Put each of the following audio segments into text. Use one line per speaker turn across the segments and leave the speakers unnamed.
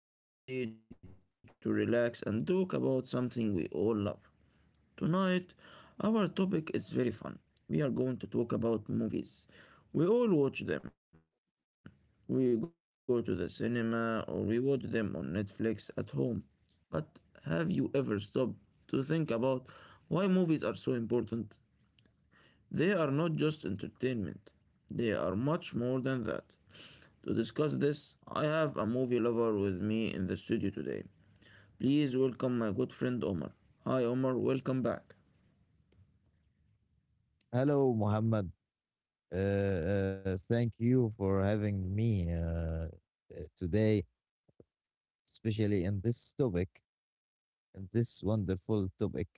I hope you are ready to relax and talk about something we all love. Tonight, our topic is very fun. We are going to talk about movies. We all watch them. We go to the cinema or we watch them on Netflix at home. But have you ever stopped to think about why movies are so important? They are not just entertainment, they are much more than that. To discuss this, I have a movie lover with me in the studio today. Please welcome my good friend Omar. Hi Omar, welcome back.
You for having me Today, especially in this topic, in this wonderful topic.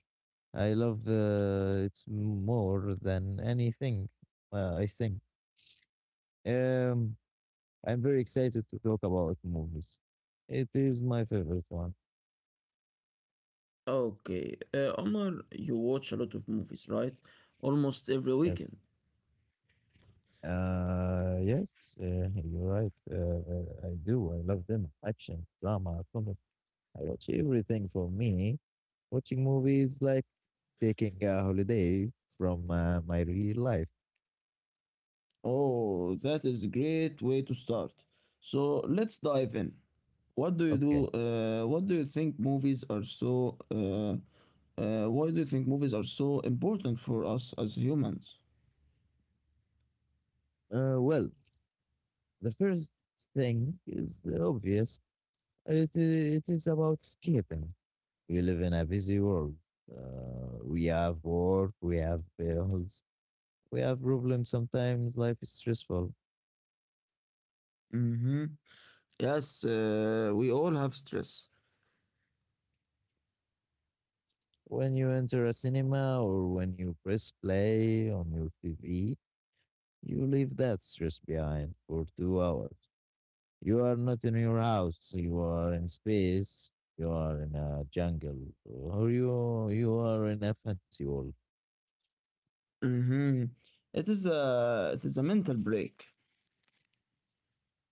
I love it more than anything, I think. Um, I'm very excited to talk about movies. It is my favorite one.
Okay, Omar, you watch a lot of movies, right? Almost every
Yes.
weekend.
Yes, you're right. I do. I love them. Action, drama, comedy. I watch everything. For me, watching movies like taking a holiday from my real life.
Oh, that is a great way to start. So let's dive in. What do you do?
Okay.
What do you think movies are so? Why do you think movies are so important for us as humans?
Well, the first thing is obvious. It is about escaping. We live in a busy world. We have work, we have bills, we have problems. Sometimes life is stressful.
Mm-hmm. Yes, we all have stress.
When you enter a cinema or when you press play on your TV, you leave that stress behind for 2 hours. You are not in your house. You are in space. You are in a jungle, or you are in a fantasy world.
Mm-hmm. It is a mental break.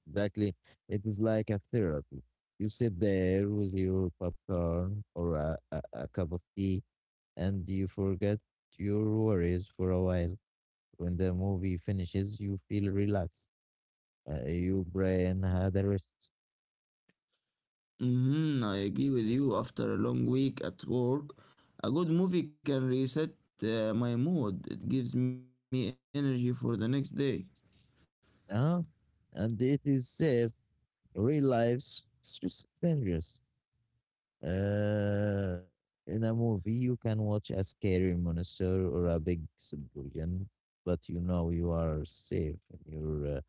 Exactly, it is like a therapy. You sit there with your popcorn or a cup of tea, and you forget your worries for a while. When the movie finishes, you feel relaxed. Your brain had a rest,
Mm-hmm. I agree with you. After a long week at work, a good movie can reset my mood. It gives me energy for the next day.
huh? And it is safe. Real life's stress is dangerous. Uh, in a movie, you can watch a scary monster or a big explosion, but you know you are safe in your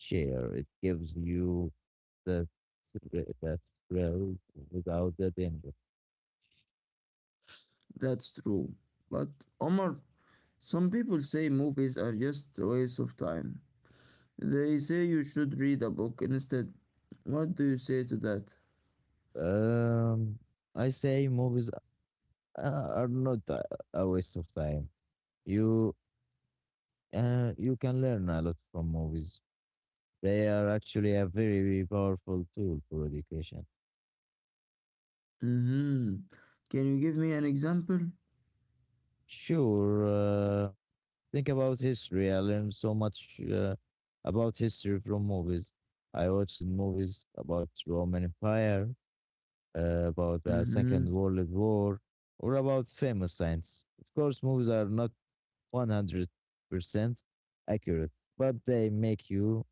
chair. It gives you the the thrill without the danger.
That's true. But Omar, some people say movies are just a waste of time. They say you should read a book instead. What do you say to that?
Um, I say movies are not a waste of time. You you can learn a lot from movies. They are actually a very powerful tool for education.
Mm-hmm. Can you give me an example?
Sure. Think about history. I learned so much about history from movies. I watched movies about Roman Empire, about the Second
Mm-hmm.
World War, or about famous science. Of course, movies are not 100% accurate, but they make you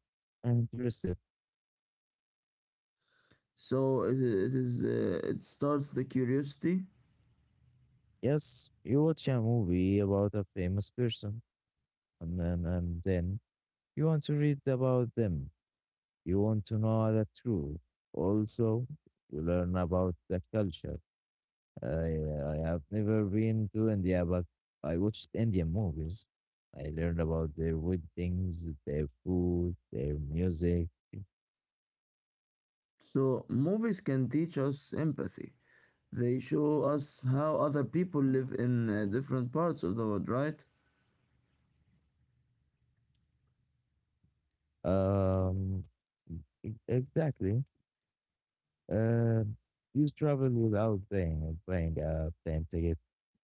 interested.
So it is. It starts the curiosity.
Yes, you watch a movie about a famous person, and then you want to read about them. You want to know the truth. Also, you learn about the culture. I, I have never been to India, but I watched Indian movies. I learned about their weddings, their food, their music.
So movies can teach us empathy. They show us how other people live in different parts of the world, right?
Um, exactly. Uh, you travel without paying a plane ticket.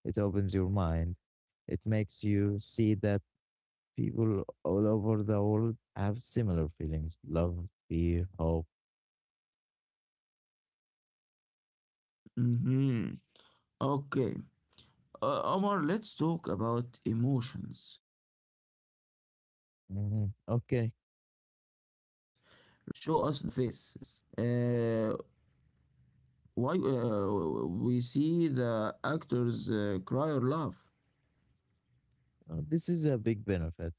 It opens your mind. It makes you see the people all over the world have similar feelings: love, fear, hope.
Mm-hmm. Okay. Omar, let's talk about emotions. Reading books helps us imagine,
Mhm.
but movies
Okay,
show us the faces. Uh, why we see the actors cry or laugh.
this is a big benefit.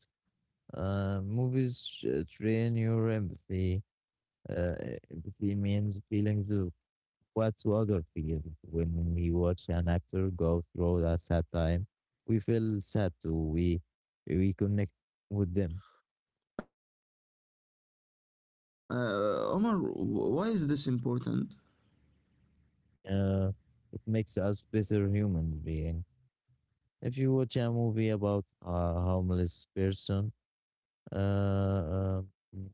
Movies train your empathy. Uh, Empathy means feelings of what other feel. When we watch an actor go through a sad time, we feel sad too. We connect with them.
Omar, why is this important?
Uh, it makes us better human being. If you watch a movie about a homeless person, Uh, mm,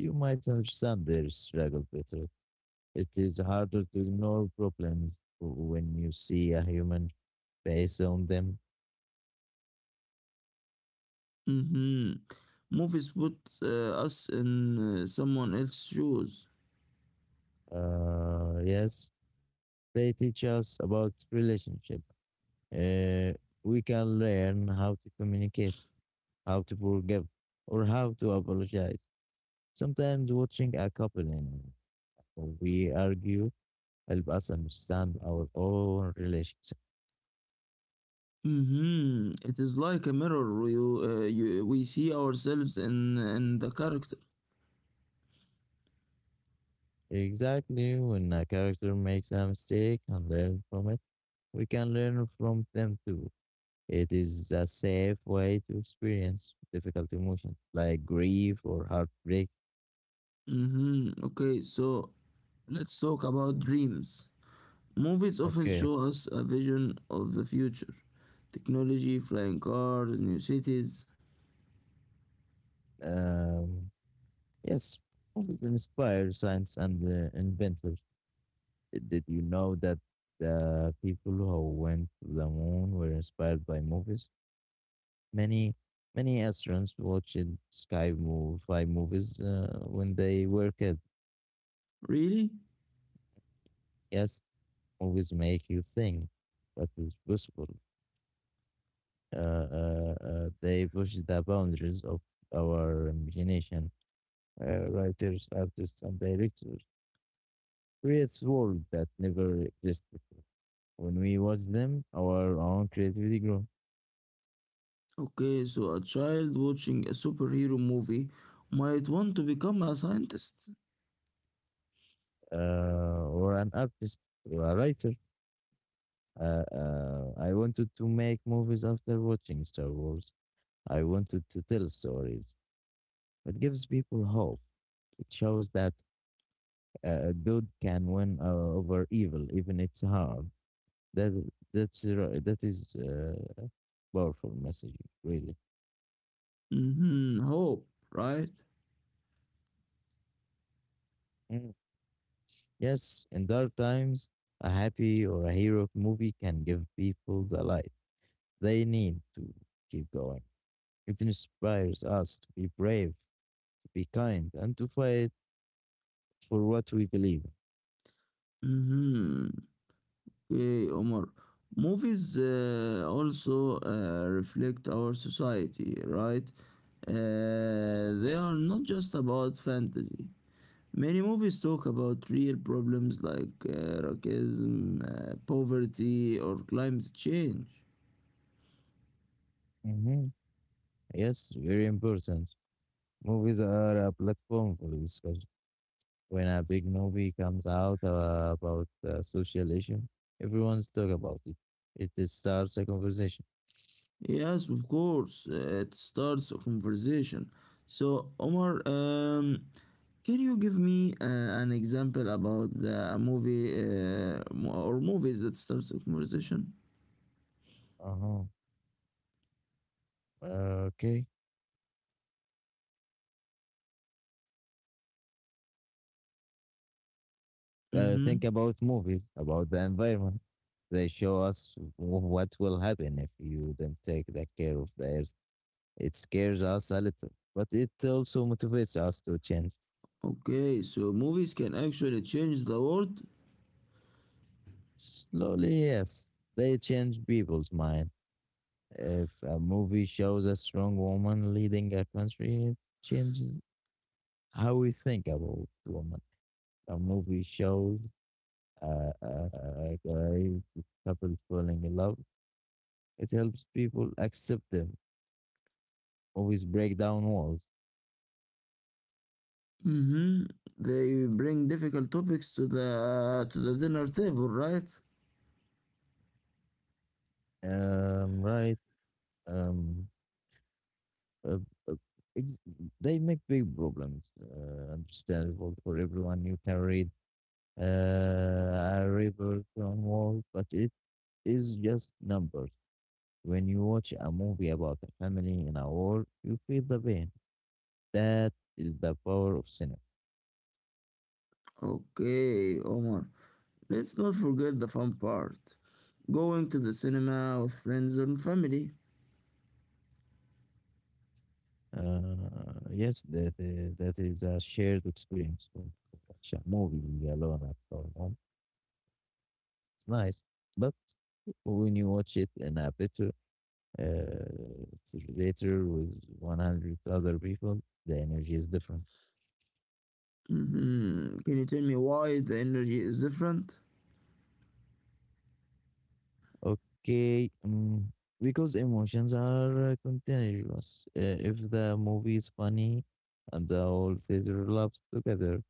you might understand their struggle better. It is harder to ignore problems when you see a human face on them.
Hmm Movies put us in someone else's shoes.
Yes, they teach us about relationship. Uh, we can learn how to communicate, how to forgive, or how to apologize. Sometimes watching a couple and we argue help us understand our own relationship.
Mm-hmm. It is like a mirror. We see ourselves in the character.
Exactly. When a character makes a mistake and learn from it, we can learn from them too. It is a safe way to experience difficult emotions like grief or heartbreak.
Mm-hmm. Okay, so let's talk about dreams. Movies often
Okay.
show us a vision of the future technology, flying cars, new cities.
Um, yes, movies inspire science and inventors. Did you know that the people who went to the moon were inspired by movies? Many, many astronauts watched sky move, five movies when they were kids.
Really?
Yes, movies make you think what is possible. They push the boundaries of our imagination. Writers, artists, and directors creates world that never existed before. When we watch them, our own creativity grows.
Okay, so a child watching a superhero movie might want to become a scientist.
Or an artist, or a writer. I wanted to make movies after watching Star Wars. I wanted to tell stories. It gives people hope. It shows that good can win over evil, even it's hard. That that is powerful message, really.
Mm-hmm. Hope, right?
Mm. Yes, in dark times, a happy or a hero movie can give people the light they need to keep going. It inspires us to be brave, to be kind, and to fight for what we believe.
Mm-hmm. Okay, Omar. Movies also reflect our society, right? They are not just about fantasy. Many movies talk about real problems like racism, poverty, or climate change.
Hmm. Yes, very important. Movies are a platform for discussion. When a big movie comes out about social issue, everyone's talk about it. It is starts a conversation.
Yes, of course, it starts a conversation. So, Omar, can you give me an example about a movie or movies that starts a conversation?
Uh-huh. Okay. Think
Hmm
about movies, about the environment. They show us what will happen if you don't take the care of the earth. It scares us a little, but it also motivates us to change.
Okay, so movies can actually change the world.
Slowly, yes, they change people's mind. If a movie shows a strong woman leading a country, it changes how we think about women. A movie shows uh, a couples falling in love. It helps people accept them. Always break down walls.
Hmm They bring difficult topics to the dinner table, right?
Right. Um, uh, uh, ex- they make big problems understandable for everyone. You can read a report on wall, but it is just numbers. When you watch a movie about a family in a war, you feel the pain. That is the power of cinema.
Okay, Omar. Let's not forget the fun part. Going to the cinema with friends and family.
Yes, that is a shared experience. When you watch a movie alone at our home, it's nice. But when you watch it in a better theater with 100 other people, the energy is different.
Hmm Can you tell me why the energy is different?
Okay. Because emotions are continuous. If the movie is funny and the whole theater laughs together,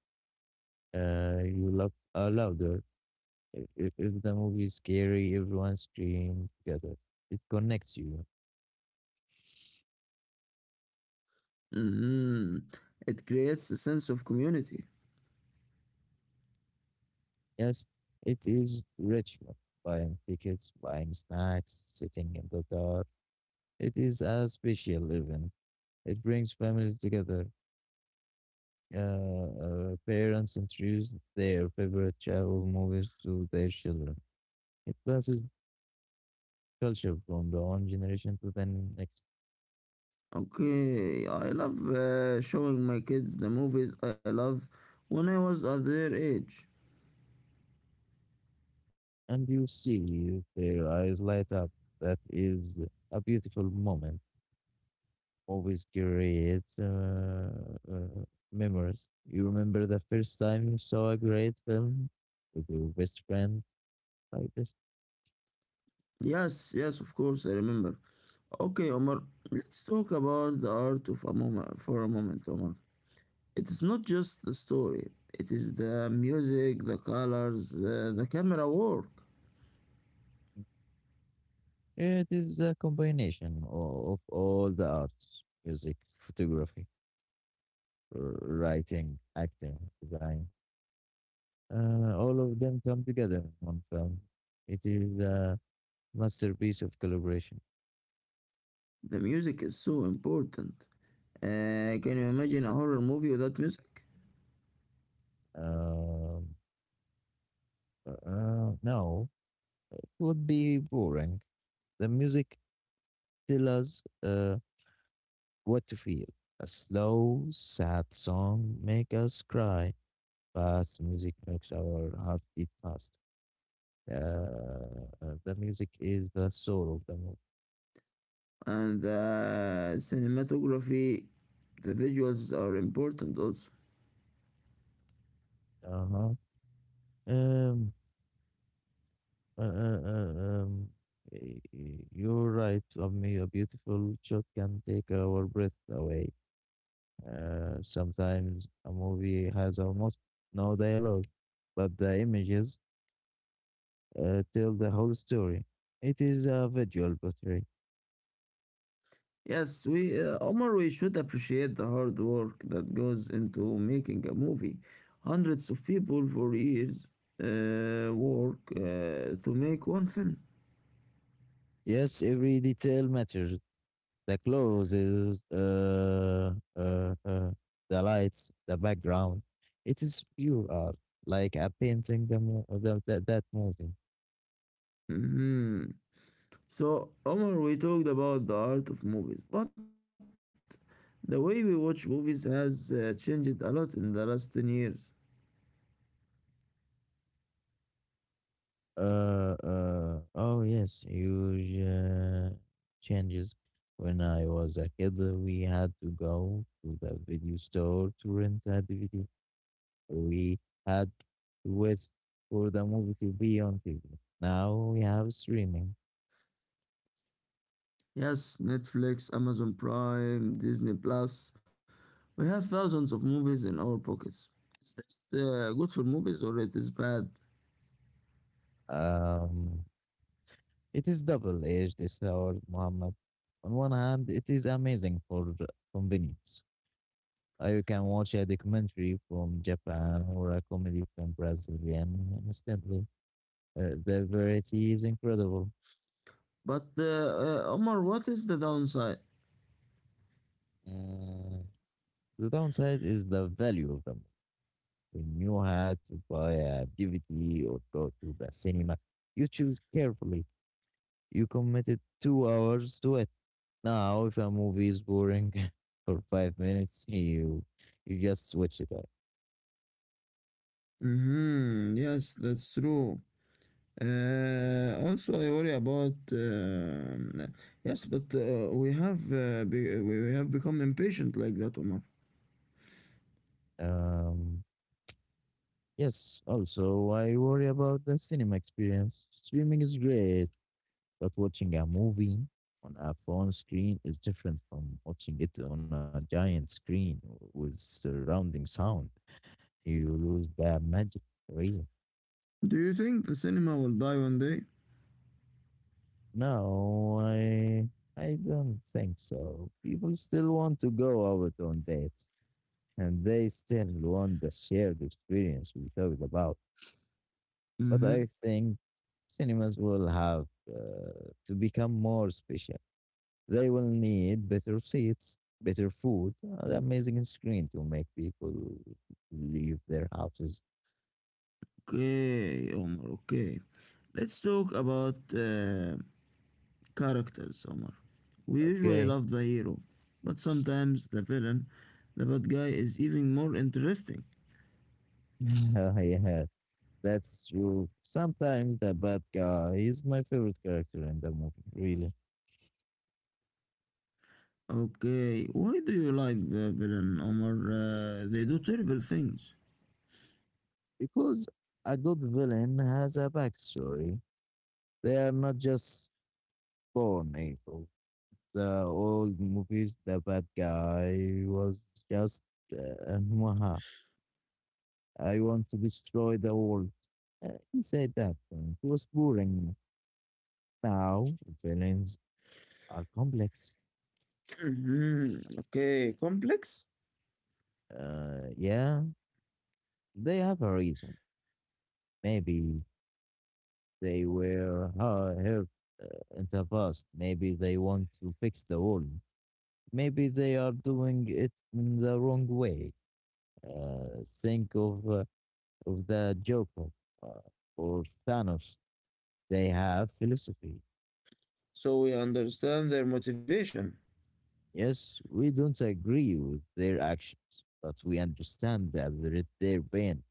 you laugh louder. If the movie is scary, everyone scream together. It connects you.
Hmm It creates a sense of community.
Yes, it is Richmond. Buying tickets, buying snacks, sitting in the dark. It is a special event. It brings families together. Uh, Parents introduce their favorite travel movies to their children. It passes culture from the one generation to the next.
Okay, I love showing my kids the movies I love when I was at their age.
And you see their eyes light up. That is a beautiful moment. Always creates uh, memories. You remember the first time you saw a great film with your best friend like this?
Yes, yes, of course, I remember. Okay, Omar, let's talk about the art of a moment, Omar. It is not just the story, it is the music, the colors, the camera work.
It is a combination of all the arts: music, photography, writing, acting, design. All of them come together in one film. It is a masterpiece of collaboration.
The music is so important. Can you imagine a horror movie without music?
Um, no, it would be boring. The music tells us what to feel. A slow, sad song makes us cry. Fast music makes our heart beat fast. Uh, the music is the soul of the movie.
And the cinematography, the visuals are important also.
Uh-huh. Um, Uh, uh, uh, um, you're right, Ummi. A beautiful shot can take our breath away. Sometimes a movie has almost no dialogue, but the images tell the whole story. It is a visual portrait.
Yes, Omar, we should appreciate the hard work that goes into making a movie. Hundreds of people for years work to make one film.
Yes, every detail matters. The clothes, the lights, the background. It is pure art, like a painting the, mo- the, that movie.
Mhm. So, Omar, we talked about the art of movies, but the way we watch movies has changed a lot in the last 10 years.
Oh yes, huge changes. When I was a kid, we had to go to the video store to rent a DVD. We had to wait for the movie to be on TV. Now we have streaming.
Yes, Netflix, Amazon Prime, Disney Plus, we have thousands of movies in our pockets. Is this good for movies or it is bad?
Um, it is double-edged sword, Muhammad. On one hand, it is amazing for the convenience. You can watch a documentary from Japan or a comedy from Brazilian instantly. The variety is incredible.
But Omar, what is the downside?
Uh, the downside is the value of them. When you had to buy a DVD or go to the cinema, you choose carefully. You committed 2 hours to it. Now, if a movie is boring for 5 minutes, you just switch it up.
Mm-hmm. Yes, that's true. Also, I worry about. Yes, but we have we have become impatient like that, Omar.
Um, yes. Also, I worry about the cinema experience. Streaming is great. But watching a movie on a phone screen is different from watching it on a giant screen with surrounding sound. You lose the magic, real?
Do you think the cinema will die one day?
No, I don't think so. People still want to go out on dates, and they still want the shared experience we talked about. But
Mm-hmm.
I think cinemas will have to become more special. They will need better seats, better food, an amazing screen to make people leave their houses.
Okay, Omar. Okay, let's talk about uh, characters, Omar. We usually
Okay?
love the hero, but sometimes the villain, the bad guy, is even more interesting.
Yeah, that's true. Sometimes the bad guy is my favorite character in the movie, really.
Okay, why do you like the villain, Omar? They do terrible things.
Because a good villain has a backstory. They are not just born evil. The old movies, the bad guy was just uh, I want to destroy the world. He said that when he was boring. Now, villains are complex.
Mhm. Okay, complex.
Yeah, they have a reason. Maybe they were hurt in the past. Maybe they want to fix the world. Maybe they are doing it in the wrong way. Think of the Joker uh, or Thanos. They have philosophy.
So we understand their motivation.
Yes, we don't agree with their actions, but we understand that they're their pain.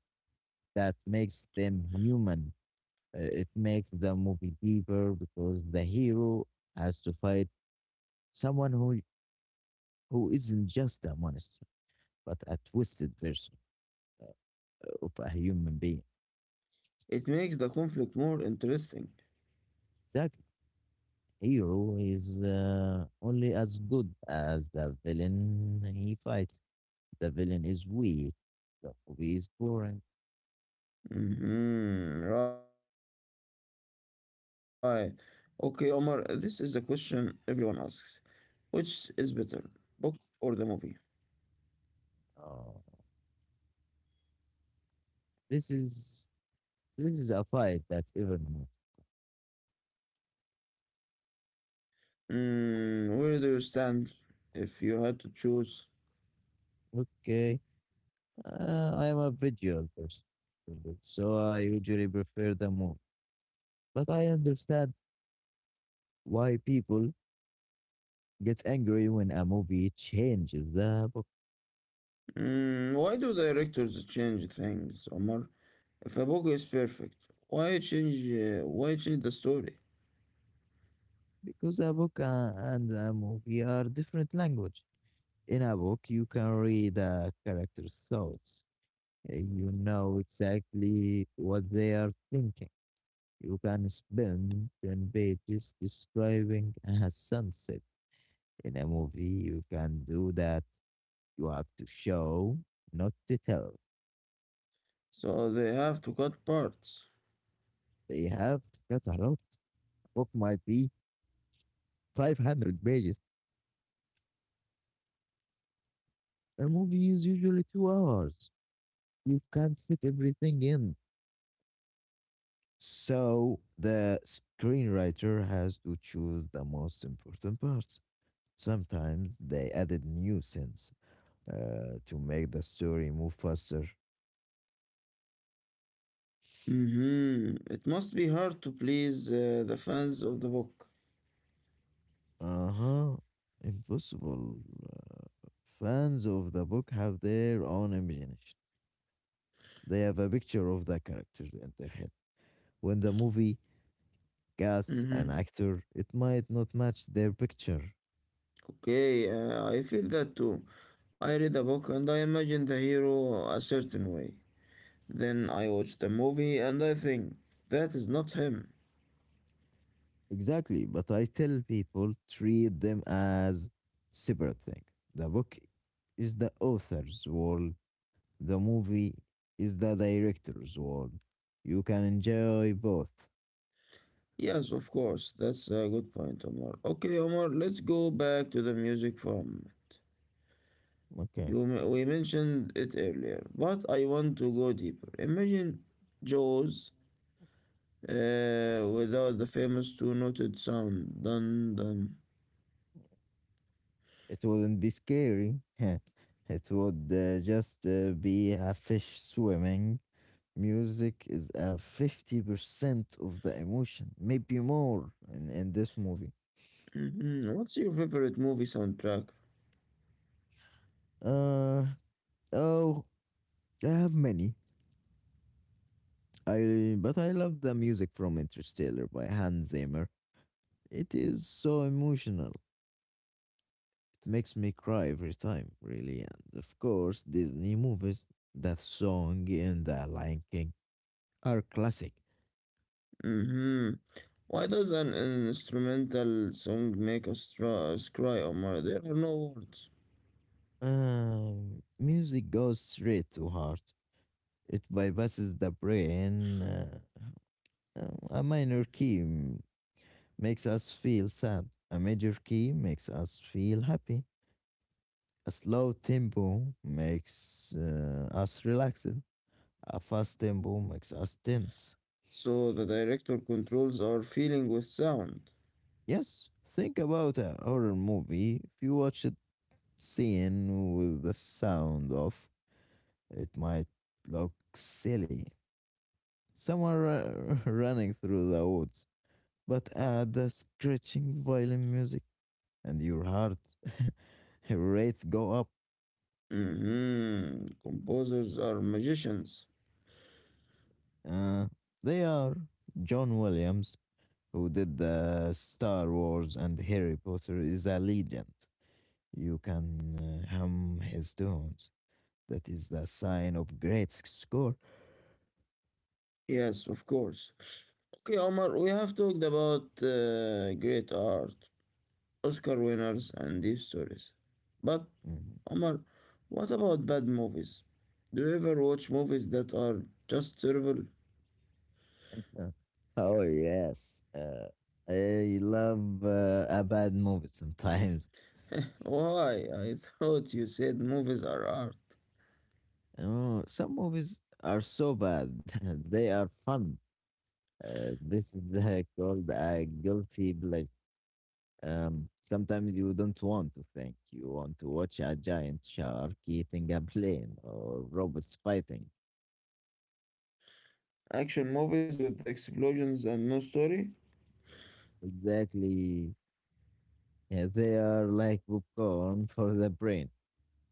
That makes them human. It makes the movie deeper because the hero has to fight someone who isn't just a monster, but a twisted version of a human being.
It makes the conflict more interesting.
That hero is only as good as the villain he fights. The villain is weak. The movie is boring.
Mhm, right. Okay, Omar, this is a question everyone asks. Which is better, book or the movie?
Uh, this is This is a fight that's even more.
Mm, where do you stand if you had to choose?
Okay, I am a visual person, so I usually prefer the movie. But I understand why people get angry when a movie changes the book
Mm, why do directors change things, Omar? If a book is perfect, why change the story?
because a book and a movie are different language. In a book, you can read a character's thoughts. You know exactly what they are thinking. You can spend 10 pages describing a sunset. In a movie, you can do that. You have to show, not to tell.
So they have to cut parts.
They have got a lot. Book might be 500 pages. A movie is usually 2 hours. You can't fit everything in. So the screenwriter has to choose the most important parts. Sometimes they added new scenes to make the story move faster.
Hmm It must be hard to please the fans of the book.
Uh-huh. Impossible. Uh, Fans of the book have their own imagination. They have a picture of the character in their head. When the movie casts an
Hmm
actor, it might not match their picture.
Okay, I feel that too. I read a book and I imagine the hero a certain way. Then I watch the movie and I think that is not him.
Exactly, but I tell people treat them as separate thing. The book is the author's world. The movie is the director's world. You can enjoy both.
Yes, of course. That's a good point, Omar. Okay, Omar, let's go back to the music from.
Okay.
We mentioned it earlier, but I want to go deeper. Imagine Jaws without the famous two-noted sound. Dun dun.
It wouldn't be scary. It would just be a fish swimming. Music is a 50% of the emotion, maybe more in this movie.
Mhm. What's your favorite movie soundtrack?
Uh, oh, I have many. I but I love the music from Interstellar by Hans Zimmer. It is so emotional. It makes me cry every time, really. And of course, Disney movies, that song in The Lion King are classic.
Hmm Why does an instrumental song make us cry, Omar? There are no words.
Music goes straight to heart. It bypasses the brain. A minor key makes us feel sad. A major key makes us feel happy. A slow tempo makes us relaxed. A fast tempo makes us tense.
So the director controls our feeling with sound.
Yes, think about a horror movie. If you watch it scene with the sound off, it might look silly. Some are running through the woods, but add the scratching violin music, and your heart rates go up.
Hmm Composers are magicians.
Uh, they are John Williams, who did the Star Wars and Harry Potter, is a legend. You can hum his tunes. That is the sign of great score.
Yes, of course. Okay, Omar, we have talked about great art, Oscar winners, and deep stories. But, Omar, what about bad movies? Do you ever watch movies that are just terrible?
Mhm. Oh yes, I love a bad movie sometimes.
Why? I thought you said movies are art.
Oh, some movies are so bad. They are fun. This is called a guilty pleasure. Sometimes you don't want to think. You want to watch a giant shark eating a plane or robots fighting.
Action movies with explosions and no story?
Exactly. Yeah, they are like popcorn for the brain.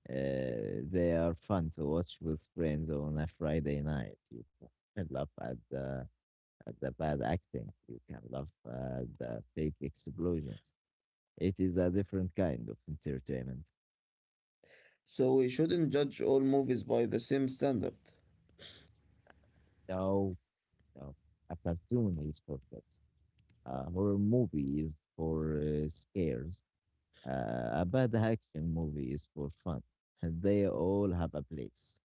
They are fun to watch with friends on a Friday night. You can laugh at the bad acting. You can laugh at the fake explosions. It is a different kind of entertainment.
So we shouldn't judge all movies by the same standard.
So, uh, a cartoon is for kids, a horror movie is for scares, a bad action movie is for fun. They all have a place.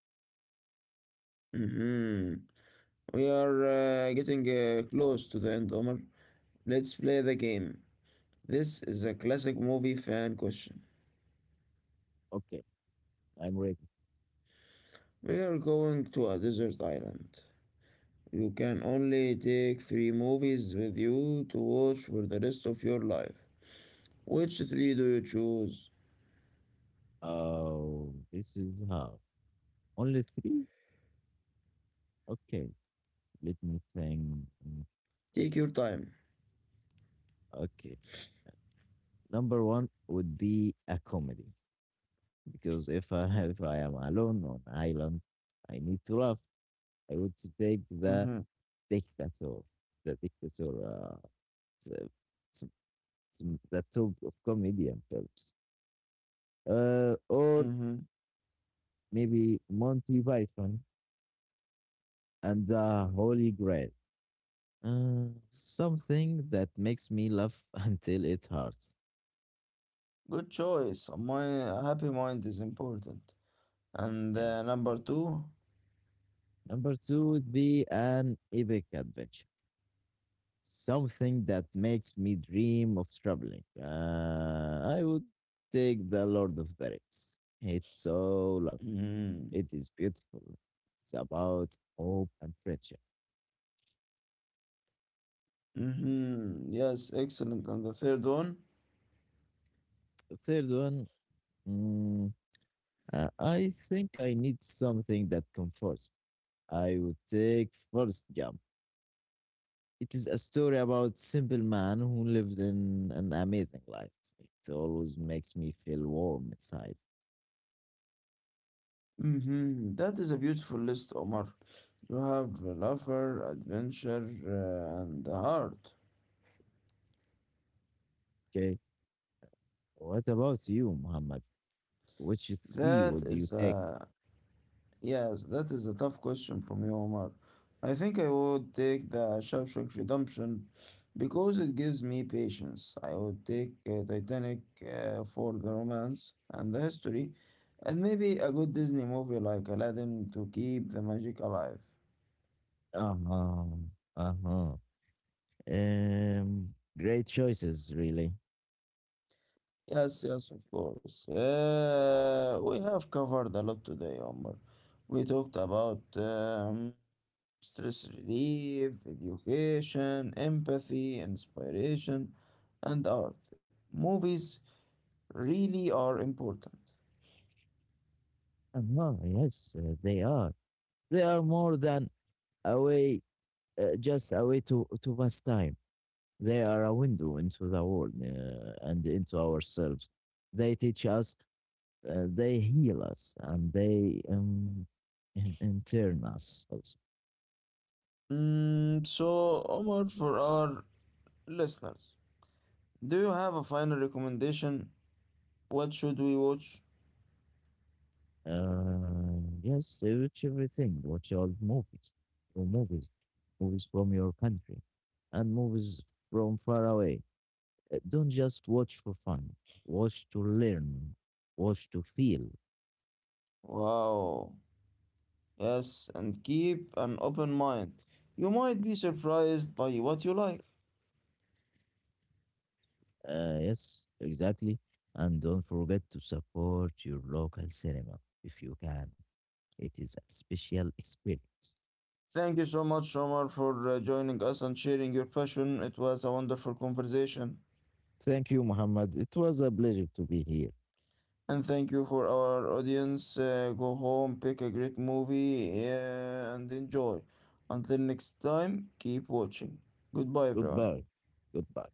Hmm We are getting close to the end, Omar. Let's play the game. This is a classic movie fan question.
Okay, I'm ready.
We are going to a desert island. You can only take three movies with you to watch for the rest of your life. Which three do you choose?
Oh, this is how. Only three? Okay, let me think.
Take your time.
Okay, number one would be a comedy because if I if I am alone on island, I need to laugh. I would take
Mm-hmm.
the Diktator. The Dictator. It's, uh, it's, it's the top of comedian films. Or
Mm-hmm.
maybe Monty Python and the Holy Grail. Something that makes me laugh until it hurts.
Good choice. My happy mind is important. And
Yeah.
number two.
Number two would be an epic adventure. Something that makes me dream of traveling. I would take The Lord of the Rings. It's so long.
Mm-hmm.
It is beautiful. It's about hope and friendship.
Mm-hmm. Yes, excellent. And the third one.
The third one, mm, I think I need something that comforts me. I would take First Jump. It is a story about simple man who lives in an amazing life. It always makes me feel warm inside.
Mm-hmm. That is a beautiful list, Omar. You have laughter, adventure, and heart.
Okay. What about you, Muhammad? Which three
That
would you
is
take?
a Yes. That is a tough question from you, Omar. I think I would take the Shawshank Redemption because it gives me patience. I would take Titanic for the romance and the history, and maybe a good Disney movie like Aladdin to keep the magic alive.
Uh-huh. Uh-huh. Um, Great choices, really.
Yes, yes, of course. We have covered a lot today, Omar. We talked about stress relief, education, empathy, inspiration, and art. Movies really are important.
Uh-huh, yes, they are. They are more than a way, just a way to pass time. They are a window into the world and into ourselves. They teach us, they heal us, and they intern us also.
Mm, so, Omar, for our listeners, do you have a final recommendation? What should we watch?
Yes, they watch everything. Watch all movies, your movies, movies from your country, and movies from far away. Don't just watch for fun. Watch to learn. Watch to feel.
Wow. Yes, and keep an open mind. You might be surprised by what you like.
Yes, exactly. And don't forget to support your local cinema if you can. It is a special experience.
Thank you so much, Omar, for joining us and sharing your passion. It was a wonderful conversation.
Thank you, Muhammad. It was a pleasure to be here.
And thank you for our audience. Go home, pick a great movie, and enjoy. Until next time, keep watching. Goodbye, everyone.
Goodbye. Goodbye.